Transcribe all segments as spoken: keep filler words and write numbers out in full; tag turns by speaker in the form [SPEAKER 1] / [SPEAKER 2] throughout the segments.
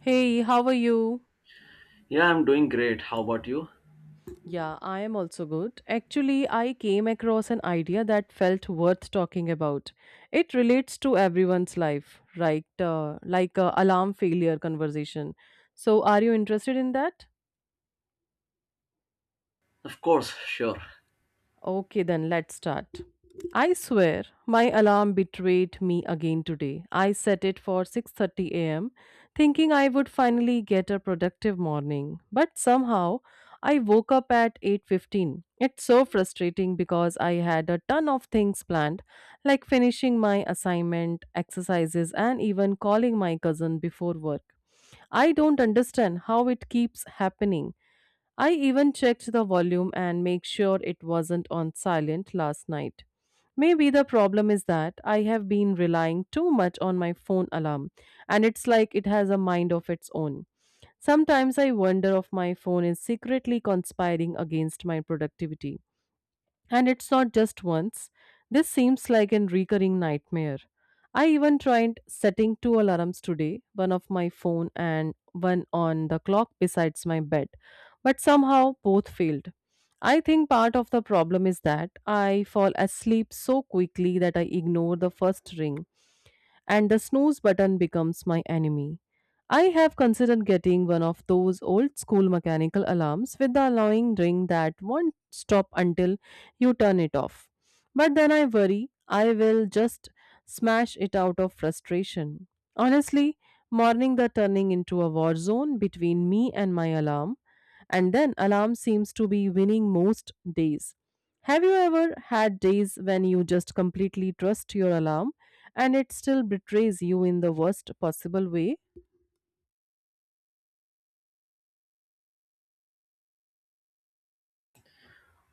[SPEAKER 1] Hey, how are you?
[SPEAKER 2] Yeah, I'm doing great. How about you?
[SPEAKER 1] Yeah, I am also good. Actually, I came across an idea that felt worth talking about. It relates to everyone's life, right? Uh, like a alarm failure conversation. So, are you interested in that?
[SPEAKER 2] Of course, sure.
[SPEAKER 1] Okay, then let's start. I swear, my alarm betrayed me again today. I set it for six thirty a m, thinking I would finally get a productive morning, but somehow I woke up at eight fifteen. It's so frustrating because I had a ton of things planned, like finishing my assignment, exercises, and even calling my cousin before work. I don't understand how it keeps happening. I even checked the volume and make sure it wasn't on silent last night. Maybe the problem is that I have been relying too much on my phone alarm, and it's like it has a mind of its own. Sometimes I wonder if my phone is secretly conspiring against my productivity. And it's not just once. This seems like a recurring nightmare. I even tried setting two alarms today, one of my phone and one on the clock besides my bed, but somehow both failed. I think part of the problem is that I fall asleep so quickly that I ignore the first ring and the snooze button becomes my enemy. I have considered getting one of those old school mechanical alarms with the annoying ring that won't stop until you turn it off. But then I worry I will just smash it out of frustration. Honestly, morning the turning into a war zone between me and my alarm, and then alarm seems to be winning most days. Have you ever had days when you just completely trust your alarm and it still betrays you in the worst possible way?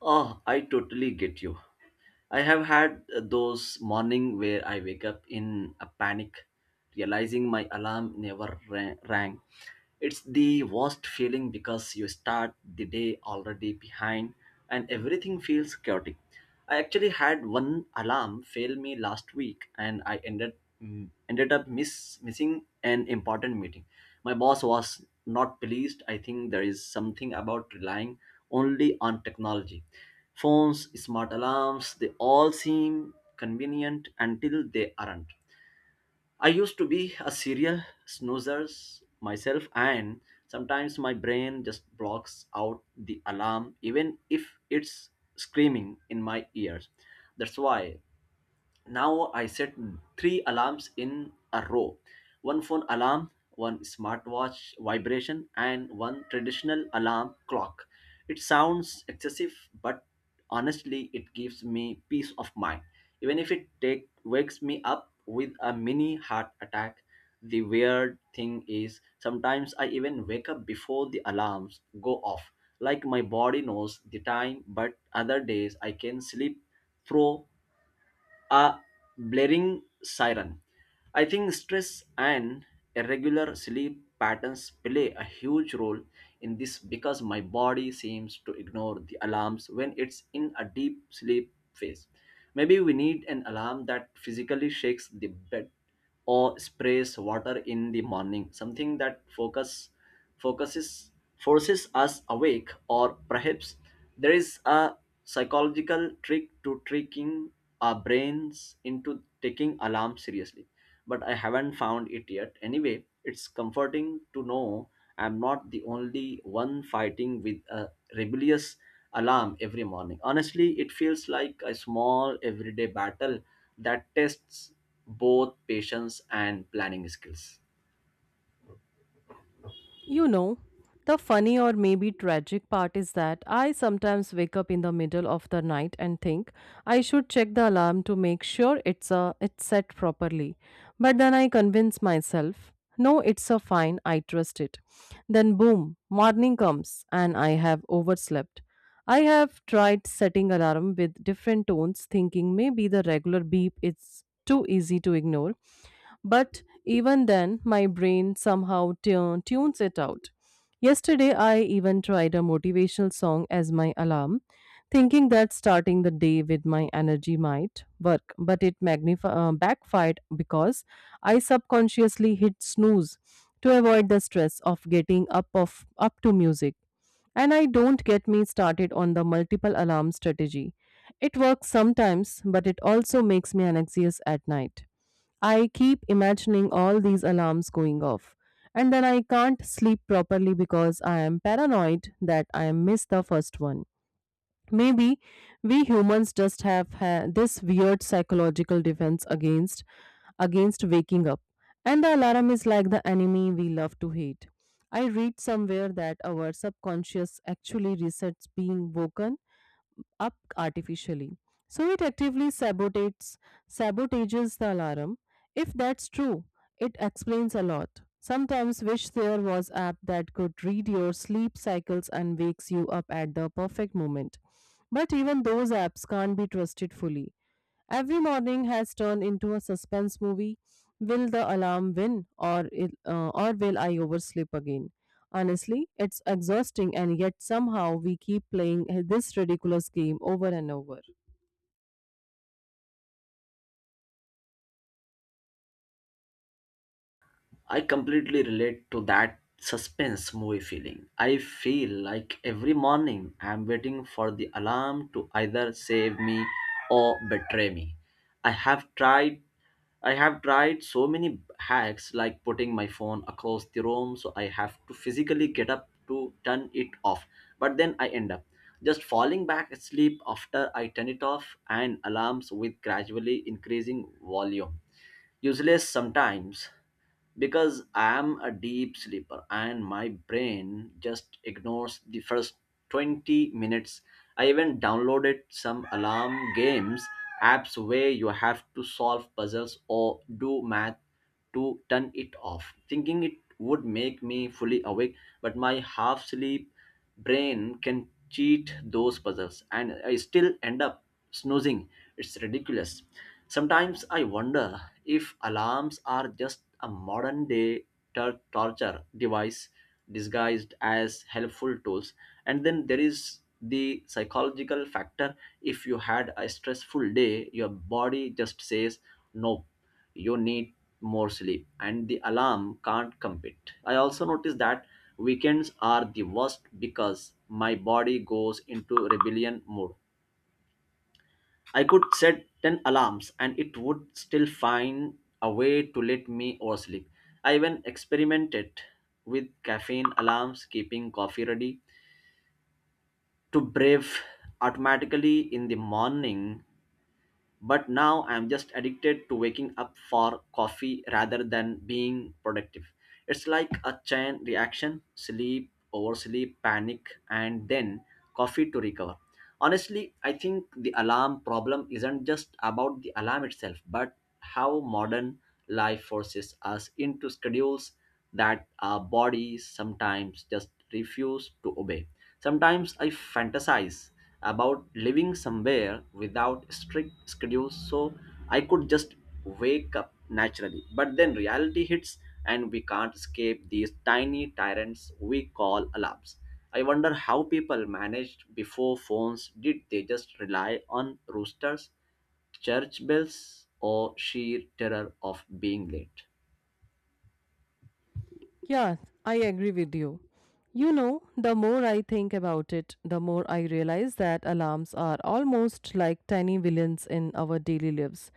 [SPEAKER 2] Oh, I totally get you. I have had those morning where I wake up in a panic, realizing my alarm never ra- rang It's the worst feeling because you start the day already behind and everything feels chaotic. I actually had one alarm fail me last week, and I ended mm, ended up miss, missing an important meeting. My boss was not pleased. I think there is something about relying only on technology. Phones, smart alarms, they all seem convenient until they aren't. I used to be a serial snoozer myself, and sometimes my brain just blocks out the alarm, even if it's screaming in my ears. That's why now I set three alarms in a row: one phone alarm, one smartwatch vibration, and one traditional alarm clock. It sounds excessive, but honestly, it gives me peace of mind. Even if it take, wakes me up with a mini heart attack, the weird thing is sometimes I even wake up before the alarms go off. Like my body knows the time, but other days I can sleep through a blaring siren. I think stress and irregular sleep patterns play a huge role in this because my body seems to ignore the alarms when it's in a deep sleep phase. Maybe we need an alarm that physically shakes the bed or sprays water in the morning, something that focus focuses forces us awake, or perhaps there is a psychological trick to tricking our brains into taking alarm seriously. But I haven't found it yet. Anyway, it's comforting to know I'm not the only one fighting with a rebellious alarm every morning. Honestly, it feels like a small everyday battle that tests both patience and planning skills.
[SPEAKER 1] You know, the funny or maybe tragic part is that I sometimes wake up in the middle of the night and think I should check the alarm to make sure it's a it's set properly. But then I convince myself, no, it's a fine, I trust it. Then boom, morning comes and I have overslept. I have tried setting alarm with different tones, thinking maybe the regular beep is too easy to ignore, but even then, my brain somehow tu- tunes it out. Yesterday, I even tried a motivational song as my alarm, thinking that starting the day with my energy might work, but it magnif- uh, backfired because I subconsciously hit snooze to avoid the stress of getting up of up to music. And I don't get me started on the multiple alarm strategy. It works sometimes, but it also makes me anxious at night. I keep imagining all these alarms going off. And then I can't sleep properly because I am paranoid that I missed the first one. Maybe we humans just have ha- this weird psychological defense against against waking up. And the alarm is like the enemy we love to hate. I read somewhere that our subconscious actually resets being woken up artificially. So it actively sabotates sabotages the alarm. If that's true, it explains a lot. Sometimes wish there was app that could read your sleep cycles and wakes you up at the perfect moment. But even those apps can't be trusted fully. Every morning has turned into a suspense movie. Will the alarm win, or it, uh, or will I oversleep again? Honestly, it's exhausting, and yet somehow we keep playing this ridiculous game over and over.
[SPEAKER 2] I completely relate to that suspense movie feeling. I feel like every morning I'm waiting for the alarm to either save me or betray me. I have tried I have tried so many hacks, like putting my phone across the room so I have to physically get up to turn it off. But then I end up just falling back asleep after I turn it off, and alarms with gradually increasing volume useless sometimes because I am a deep sleeper and my brain just ignores the first twenty minutes. I even downloaded some alarm games apps where you have to solve puzzles or do math to turn it off, thinking it would make me fully awake, but my half sleep brain can cheat those puzzles and I still end up snoozing. It's ridiculous. Sometimes I wonder if alarms are just a modern day tor- torture device disguised as helpful tools. And then there is the psychological factor. If you had a stressful day, your body just says, no, you need more sleep, and the alarm can't compete. I also noticed that weekends are the worst because my body goes into rebellion mode. I could set ten alarms and it would still find a way to let me oversleep. I even experimented with caffeine alarms, keeping coffee ready to brave automatically in the morning, but now I'm just addicted to waking up for coffee rather than being productive. It's like a chain reaction: sleep, oversleep, panic, and then coffee to recover. Honestly, I think the alarm problem isn't just about the alarm itself, but how modern life forces us into schedules that our bodies sometimes just refuse to obey. Sometimes I fantasize about living somewhere without strict schedules so I could just wake up naturally, but then reality hits and we can't escape these tiny tyrants we call alarms. I wonder how people managed before phones. Did they just rely on roosters, church bells, or sheer terror of being late?
[SPEAKER 1] Yeah, I agree with you. You know, the more I think about it, the more I realize that alarms are almost like tiny villains in our daily lives.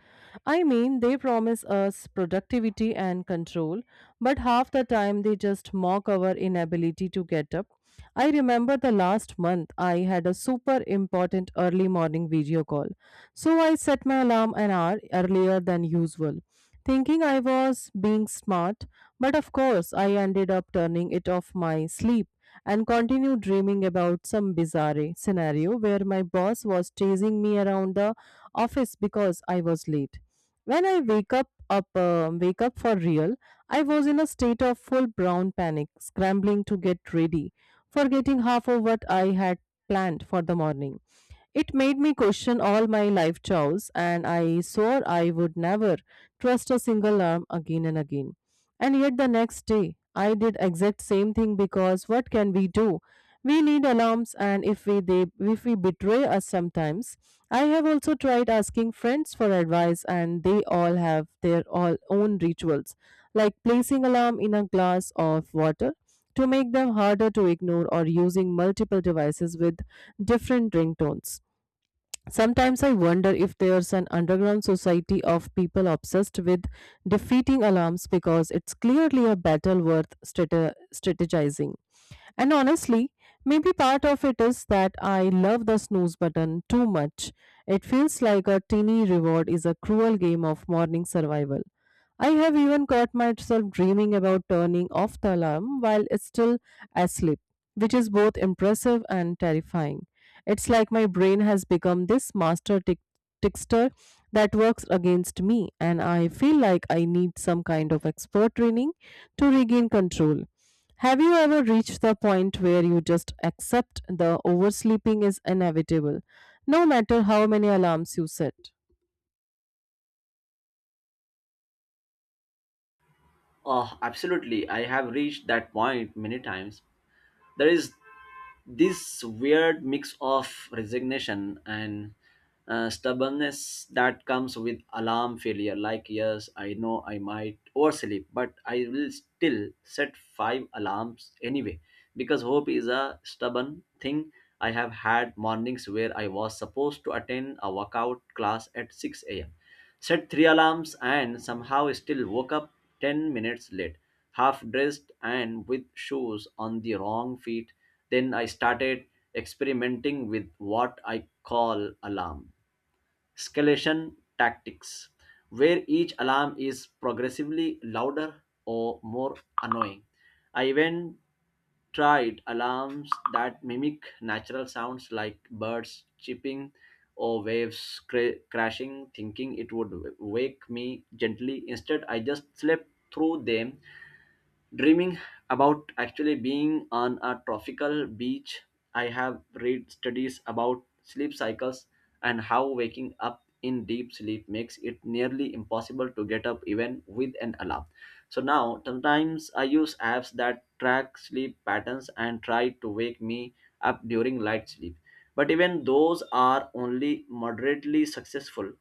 [SPEAKER 1] I mean, they promise us productivity and control, but half the time they just mock our inability to get up. I remember the last month I had a super important early morning video call, so I set my alarm an hour earlier than usual, thinking I was being smart, but of course, I ended up turning it off my sleep and continued dreaming about some bizarre scenario where my boss was chasing me around the office because I was late. When I wake up up um, wake up for real, I was in a state of full brown panic, scrambling to get ready, forgetting half of what I had planned for the morning. It made me question all my life choices, and I swore I would never trust a single arm again and again. And yet the next day, I did exact same thing because what can we do? We need alarms, and if we they, if we betray us sometimes. I have also tried asking friends for advice, and they all have their all own rituals, like placing alarm in a glass of water to make them harder to ignore, or using multiple devices with different ringtones. Sometimes I wonder if there's an underground society of people obsessed with defeating alarms because it's clearly a battle worth strate- strategizing. And honestly, maybe part of it is that I love the snooze button too much. It feels like a teeny reward is a cruel game of morning survival. I have even caught myself dreaming about turning off the alarm while it's still asleep, which is both impressive and terrifying. It's like my brain has become this master tick- trickster that works against me, and I feel like I need some kind of expert training to regain control. Have you ever reached the point where you just accept the oversleeping is inevitable, no matter how many alarms you set?
[SPEAKER 2] Oh, absolutely. I have reached that point many times. There is this weird mix of resignation and uh, stubbornness that comes with alarm failure. Like, yes, I know I might oversleep, but I will still set five alarms anyway because hope is a stubborn thing. I have had mornings where I was supposed to attend a workout class at six a m a.m., set three alarms, and somehow still woke up ten minutes late, half dressed and with shoes on the wrong feet. Then I started experimenting with what I call alarm escalation tactics, where each alarm is progressively louder or more annoying. I even tried alarms that mimic natural sounds like birds chirping or waves cra- crashing, thinking it would w- wake me gently. Instead, I just slept through them, dreaming about actually being on a tropical beach. I have read studies about sleep cycles and how waking up in deep sleep makes it nearly impossible to get up even with an alarm. So now sometimes I use apps that track sleep patterns and try to wake me up during light sleep, but even those are only moderately successful.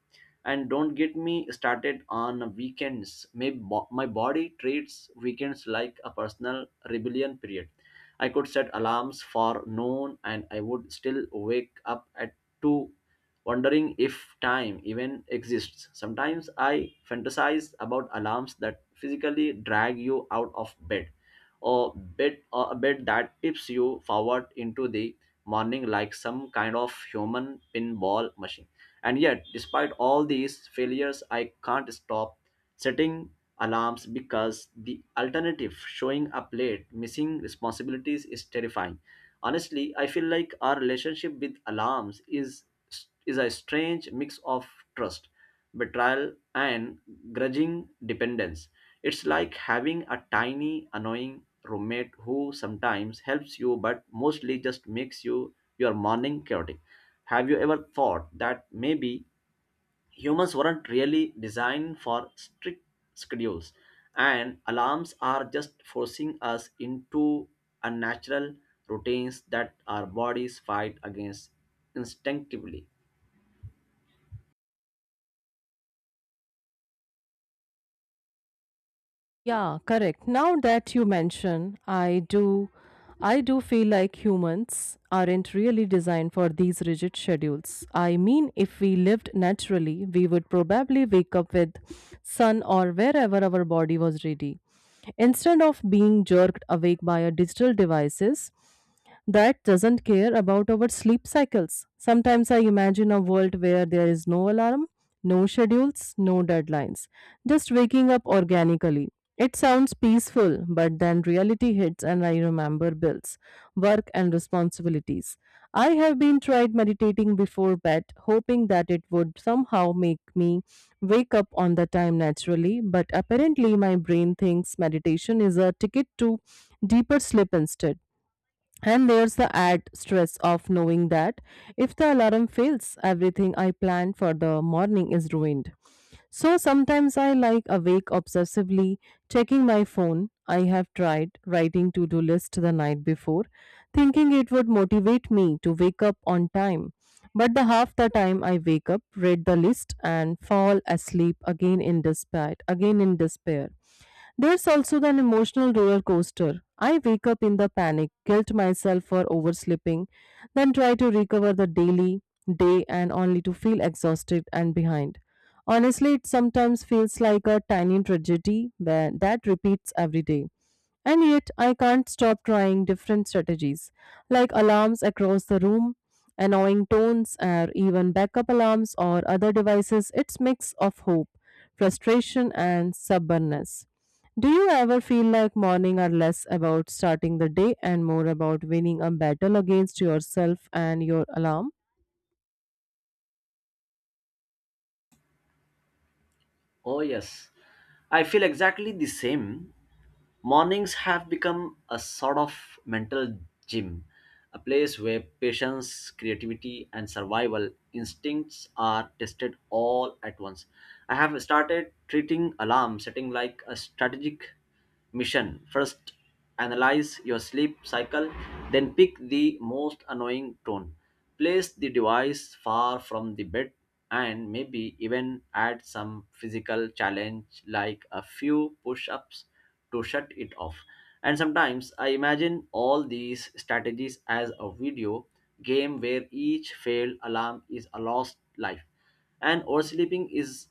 [SPEAKER 2] And don't get me started on weekends. My, bo- my body treats weekends like a personal rebellion period. I could set alarms for noon and I would still wake up at two, wondering if time even exists. Sometimes I fantasize about alarms that physically drag you out of bed, or bed or a bed that tips you forward into the morning, like some kind of human pinball machine. And yet, despite all these failures, I can't stop setting alarms because the alternative, showing up late, missing responsibilities, is terrifying. Honestly, I feel like our relationship with alarms is is a strange mix of trust, betrayal, and grudging dependence. It's like having a tiny, annoying roommate who sometimes helps you but mostly just makes you your morning chaotic. Have you ever thought that maybe humans weren't really designed for strict schedules, and alarms are just forcing us into unnatural routines that our bodies fight against instinctively?
[SPEAKER 1] Yeah, correct. Now that you mention, I do I do feel like humans aren't really designed for these rigid schedules. I mean, if we lived naturally, we would probably wake up with sun or wherever our body was ready. Instead of being jerked awake by our digital devices that doesn't care about our sleep cycles. Sometimes I imagine a world where there is no alarm, no schedules, no deadlines. Just waking up organically. It sounds peaceful, but then reality hits and I remember bills, work, and responsibilities. I have been tried meditating before bed, hoping that it would somehow make me wake up on the time naturally, but apparently my brain thinks meditation is a ticket to deeper sleep instead. And there's the add stress of knowing that if the alarm fails, everything I planned for the morning is ruined. So sometimes I like awake obsessively, checking my phone. I have tried writing to do list the night before, thinking it would motivate me to wake up on time. But the half the time I wake up, read the list, and fall asleep again in despair. Again in despair. There's also an emotional roller coaster. I wake up in the panic, guilt myself for oversleeping, then try to recover the daily day and only to feel exhausted and behind. Honestly, it sometimes feels like a tiny tragedy where that repeats every day. And yet, I can't stop trying different strategies, like alarms across the room, annoying tones, or even backup alarms or other devices. It's mix of hope, frustration, and stubbornness. Do you ever feel like morning are less about starting the day and more about winning a battle against yourself and your alarm?
[SPEAKER 2] Oh, yes. I feel exactly the same. Mornings have become a sort of mental gym, a place where patience, creativity, and survival instincts are tested all at once. I have started treating alarm setting like a strategic mission. First, analyze your sleep cycle, then pick the most annoying tone. Place the device far from the bed, and maybe even add some physical challenge like a few push ups to shut it off. And sometimes I imagine all these strategies as a video game where each failed alarm is a lost life and oversleeping is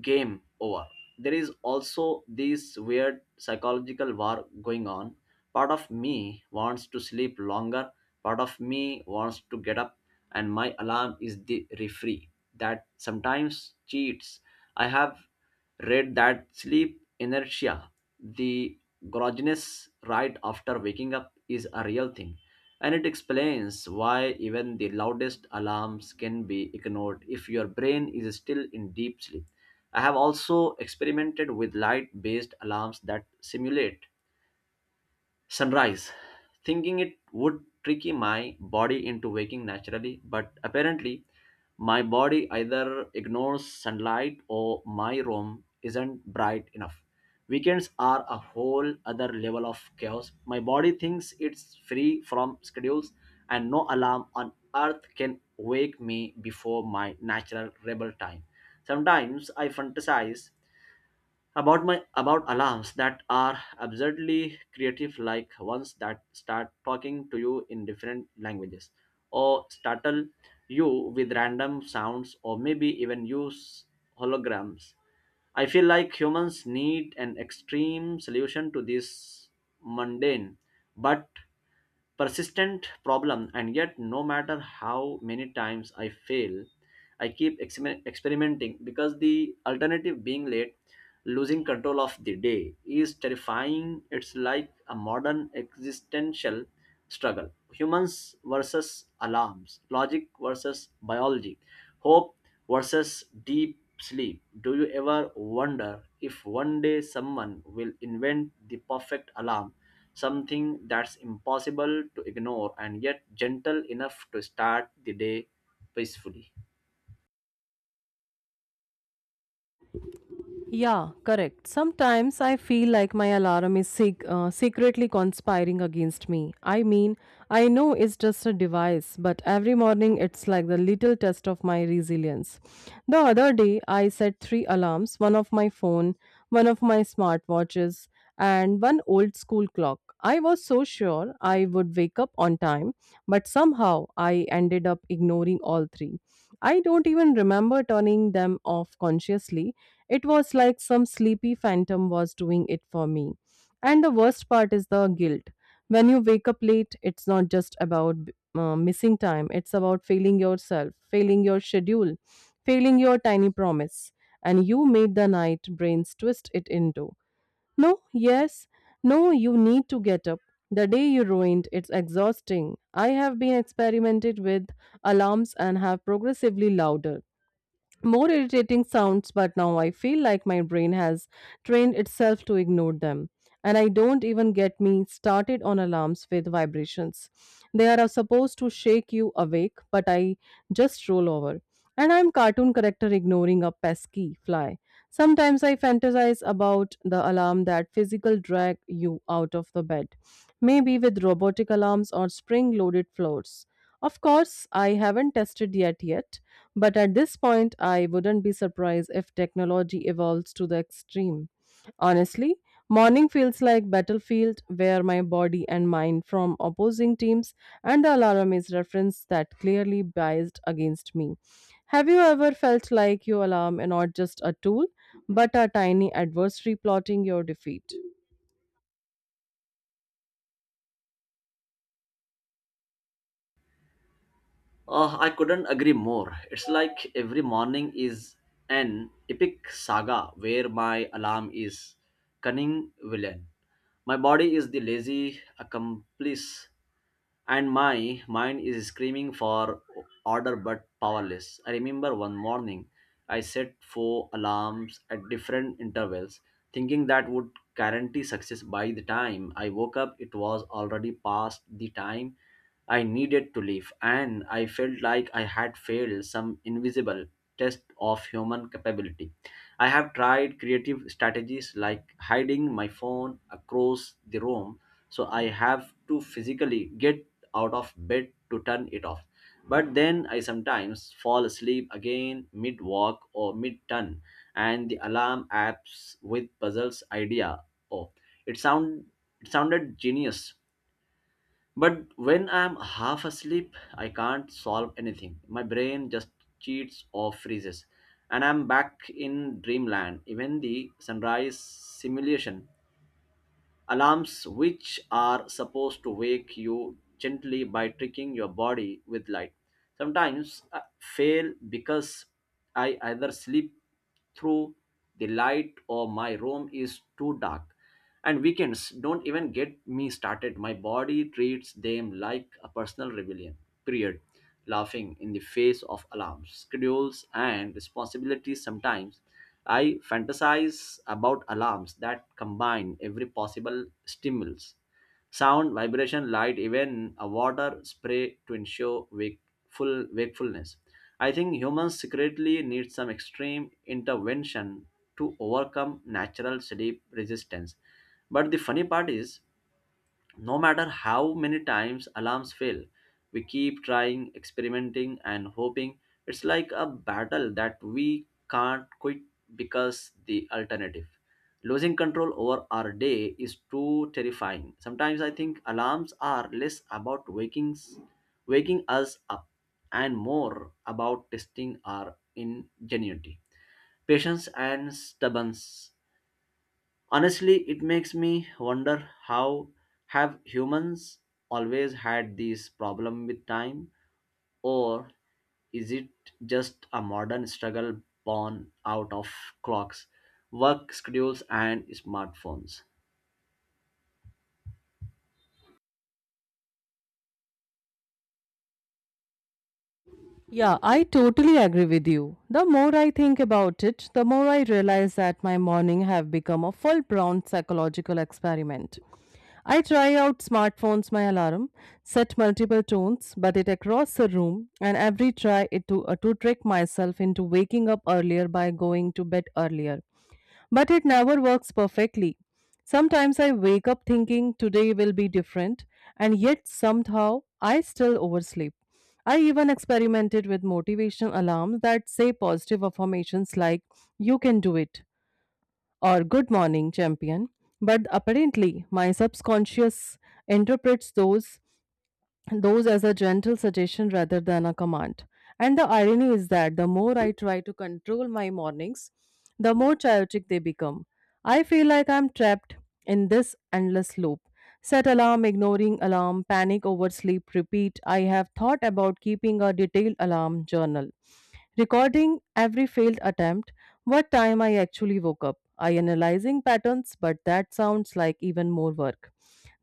[SPEAKER 2] game over. There is also this weird psychological war going on. Part of me wants to sleep longer, part of me wants to get up, and my alarm is the referee that sometimes cheats. I have read that sleep inertia, the grogginess right after waking up, is a real thing, and it explains why even the loudest alarms can be ignored if your brain is still in deep sleep. I have also experimented with light based alarms that simulate sunrise, thinking it would trick my body into waking naturally, but apparently, my body either ignores sunlight or my room isn't bright enough. Weekends are a whole other level of chaos. My body thinks it's free from schedules, and no alarm on earth can wake me before my natural rebel time. Sometimes I fantasize about my about alarms that are absurdly creative, like ones that start talking to you in different languages or startle you with random sounds, or maybe even use holograms. I feel like humans need an extreme solution to this mundane but persistent problem. And yet no matter how many times I fail, I keep exper- experimenting because the alternative, being late, losing control of the day, is terrifying. It's like a modern existential struggle: humans versus alarms, logic versus biology, hope versus deep sleep. Do you ever wonder if one day someone will invent the perfect alarm, something that's impossible to ignore and yet gentle enough to start the day peacefully?
[SPEAKER 1] Yeah, correct. Sometimes I feel like my alarm is sec- uh, secretly conspiring against me. I mean, I know it's just a device, but every morning it's like the little test of my resilience. The other day, I set three alarms, one of my phone, one of my smartwatches, and one old school clock. I was so sure I would wake up on time, but somehow I ended up ignoring all three. I don't even remember turning them off consciously. It was like some sleepy phantom was doing it for me. And the worst part is the guilt. When you wake up late, it's not just about uh, missing time, it's about failing yourself, failing your schedule, failing your tiny promise. And you made the night brains twist it into. No, yes, no, you need to get up. The day you ruined, it's exhausting. I have been experimented with alarms and have progressively louder, more irritating sounds, but now I feel like my brain has trained itself to ignore them. And I don't even get me started on alarms with vibrations. They are uh, supposed to shake you awake, but I just roll over. And I'm cartoon character ignoring a pesky fly. Sometimes I fantasize about the alarm that physical drag you out of the bed, maybe with robotic alarms or spring loaded floors. Of course, I haven't tested yet yet, but at this point, I wouldn't be surprised if technology evolves to the extreme. Honestly, morning feels like battlefield where my body and mind from opposing teams and the alarm is referenced that clearly biased against me. Have you ever felt like your alarm and not just a tool, but a tiny adversary plotting your defeat?
[SPEAKER 2] Uh, I couldn't agree more. It's like every morning is an epic saga where my alarm is cunning villain. My body is the lazy accomplice, and my mind is screaming for order but powerless. I remember one morning I set four alarms at different intervals, thinking that would guarantee success. By the time I woke up, it was already past the time I needed to leave, and I felt like I had failed some invisible test of human capability. I have tried creative strategies like hiding my phone across the room so I have to physically get out of bed to turn it off. But then I sometimes fall asleep again mid walk or mid turn, and the alarm apps with puzzles idea. Oh, it sound it sounded genius, but when I'm half asleep, I can't solve anything. My brain just cheats or freezes, and I'm back in dreamland. Even the sunrise simulation alarms, which are supposed to wake you gently by tricking your body with light, sometimes uh, fail because I either sleep through the light or my room is too dark. And weekends don't even get me started. My body treats them like a personal rebellion period, laughing in the face of alarms, schedules, and responsibilities. Sometimes I fantasize about alarms that combine every possible stimulus: sound, vibration, light, even a water spray to ensure wakeful wakefulness. I think humans secretly need some extreme intervention to overcome natural sleep resistance. But the funny part is, no matter how many times alarms fail, we keep trying, experimenting, and hoping. It's like a battle that we can't quit because the alternative, losing control over our day, is too terrifying. Sometimes I think alarms are less about waking, waking us up and more about testing our ingenuity, patience, and stubbornness. Honestly, it makes me wonder, how have humans always had this problem with time, or is it just a modern struggle born out of clocks, work schedules, and smartphones?
[SPEAKER 1] Yeah, I totally agree with you. The more I think about it, the more I realize that my morning have become a full-blown psychological experiment. I try out smartphones my alarm, set multiple tones, but it across the room, and every try it to uh, to trick myself into waking up earlier by going to bed earlier. But it never works perfectly. Sometimes I wake up thinking today will be different, and yet somehow I still oversleep. I even experimented with motivation alarms that say positive affirmations like, you can do it, or good morning, champion. But apparently, my subconscious interprets those those as a gentle suggestion rather than a command. And the irony is that the more I try to control my mornings, the more chaotic they become. I feel like I'm trapped in this endless loop. Set alarm, ignoring alarm, panic over sleep, repeat. I have thought about keeping a detailed alarm journal, recording every failed attempt, what time I actually woke up. I analyzing patterns, but that sounds like even more work.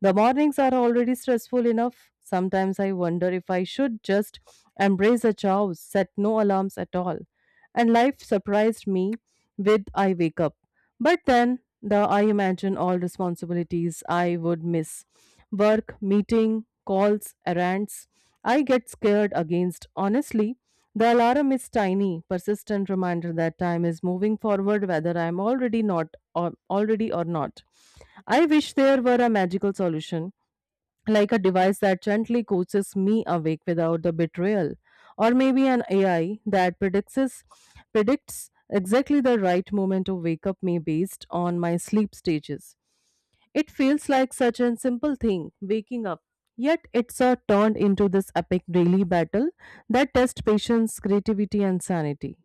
[SPEAKER 1] The mornings are already stressful enough. Sometimes I wonder if I should just embrace a chow, set no alarms at all. And life surprised me with I wake up. But then the I imagine all responsibilities I would miss. Work, meeting, calls, errands. I get scared against honestly. The alarm is tiny, persistent reminder that time is moving forward whether I am already not or already or not. I wish there were a magical solution, like a device that gently coaxes me awake without the betrayal, or maybe an A I that predicts predicts exactly the right moment to wake up me based on my sleep stages. It feels like such a simple thing, waking up, yet it's a turned into this epic daily battle that test patience, creativity, and sanity.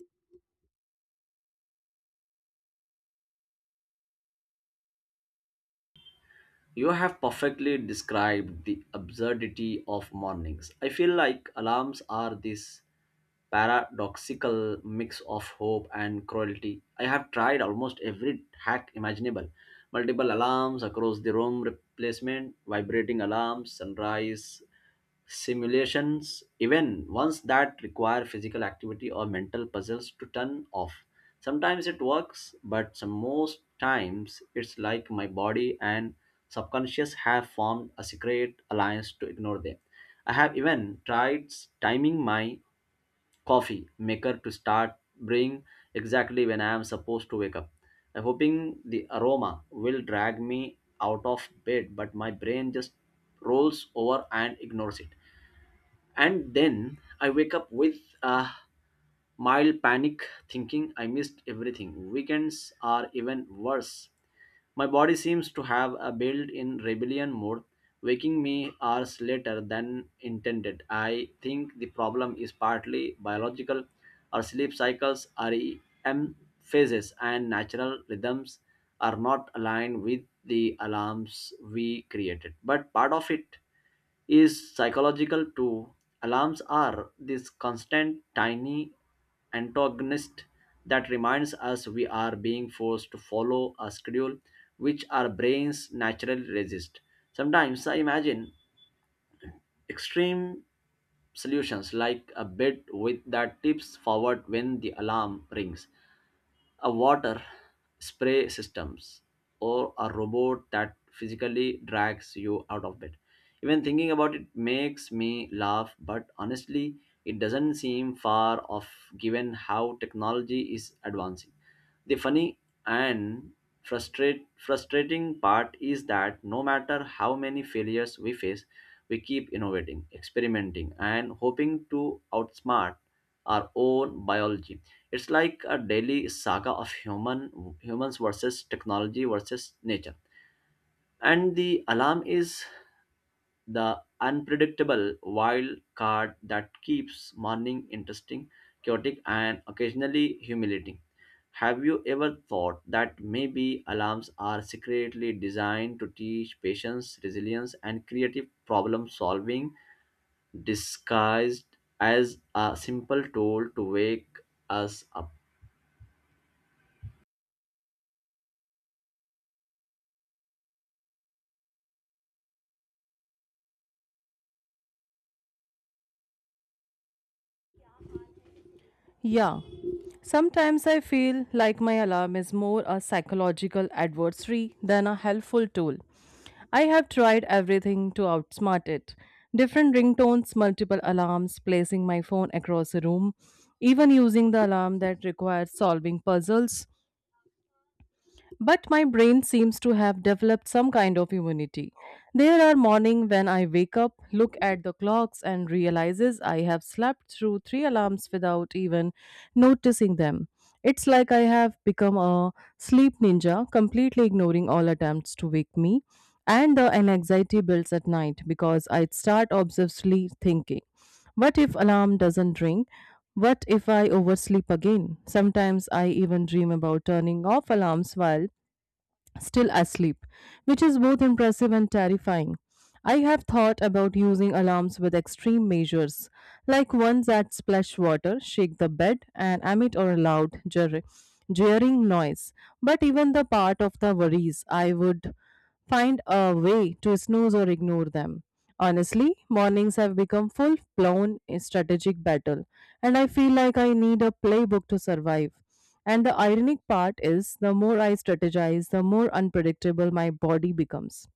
[SPEAKER 2] You have perfectly described the absurdity of mornings. I feel like alarms are this paradoxical mix of hope and cruelty. I have tried almost every hack imaginable. Multiple alarms across the room, replacement, vibrating alarms, sunrise simulations, even ones that require physical activity or mental puzzles to turn off. Sometimes it works, but some most times it's like my body and subconscious have formed a secret alliance to ignore them. I have even tried timing my coffee maker to start brewing exactly when I am supposed to wake up. I'm hoping the aroma will drag me out of bed, but my brain just rolls over and ignores it. And then I wake up with a mild panic, thinking I missed everything. Weekends are even worse. My body seems to have a built in rebellion mode, waking me hours later than intended. I think the problem is partly biological. Our sleep cycles, REM phases, and natural rhythms are not aligned with the alarms we created. But part of it is psychological too. Alarms are this constant tiny antagonist that reminds us we are being forced to follow a schedule which our brains naturally resist. Sometimes I imagine extreme solutions, like a bed with that tips forward when the alarm rings, a water spray systems, or a robot that physically drags you out of bed. Even thinking about it makes me laugh, but honestly, it doesn't seem far off given how technology is advancing. The funny and frustrate, frustrating part is that no matter how many failures we face, we keep innovating, experimenting, and hoping to outsmart our own biology. It's like a daily saga of human humans versus technology versus nature. And the alarm is the unpredictable wild card that keeps morning interesting, chaotic, and occasionally humiliating. Have you ever thought that maybe alarms are secretly designed to teach patience, resilience, and creative problem solving disguised as a simple tool to wake us up?
[SPEAKER 1] Yeah. Sometimes I feel like my alarm is more a psychological adversary than a helpful tool. I have tried everything to outsmart it different ringtones, multiple alarms, placing my phone across the room, even using the alarm that requires solving puzzles. But my brain seems to have developed some kind of immunity. There are mornings when I wake up, look at the clocks and realizes I have slept through three alarms without even noticing them. It's like I have become a sleep ninja, completely ignoring all attempts to wake me. And the anxiety builds at night because I start obsessively thinking, what if alarm doesn't ring? What if I oversleep again? Sometimes I even dream about turning off alarms while still asleep, which is both impressive and terrifying. I have thought about using alarms with extreme measures, like ones that splash water, shake the bed, and emit a loud, jer- jeering noise. But even the part of the worries I would find a way to snooze or ignore them. Honestly, mornings have become full blown strategic battle, and I feel like I need a playbook to survive. And the ironic part is, the more I strategize, the more unpredictable my body becomes.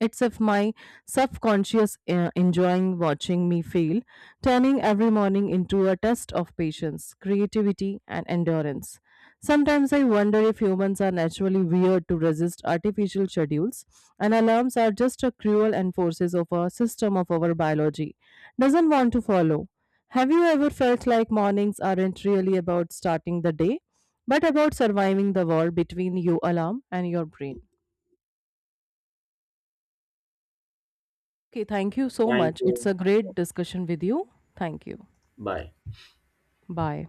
[SPEAKER 1] It's if my subconscious uh, enjoying watching me fail, turning every morning into a test of patience, creativity, and endurance. Sometimes I wonder if humans are naturally weird to resist artificial schedules, and alarms are just a cruel enforces of a system of our biology doesn't want to follow. Have you ever felt like mornings aren't really about starting the day, but about surviving the war between your alarm and your brain? Okay, thank you so
[SPEAKER 2] Thank
[SPEAKER 1] much. It's a
[SPEAKER 2] you.
[SPEAKER 1] great discussion with you. Thank you.
[SPEAKER 2] Bye.
[SPEAKER 1] Bye.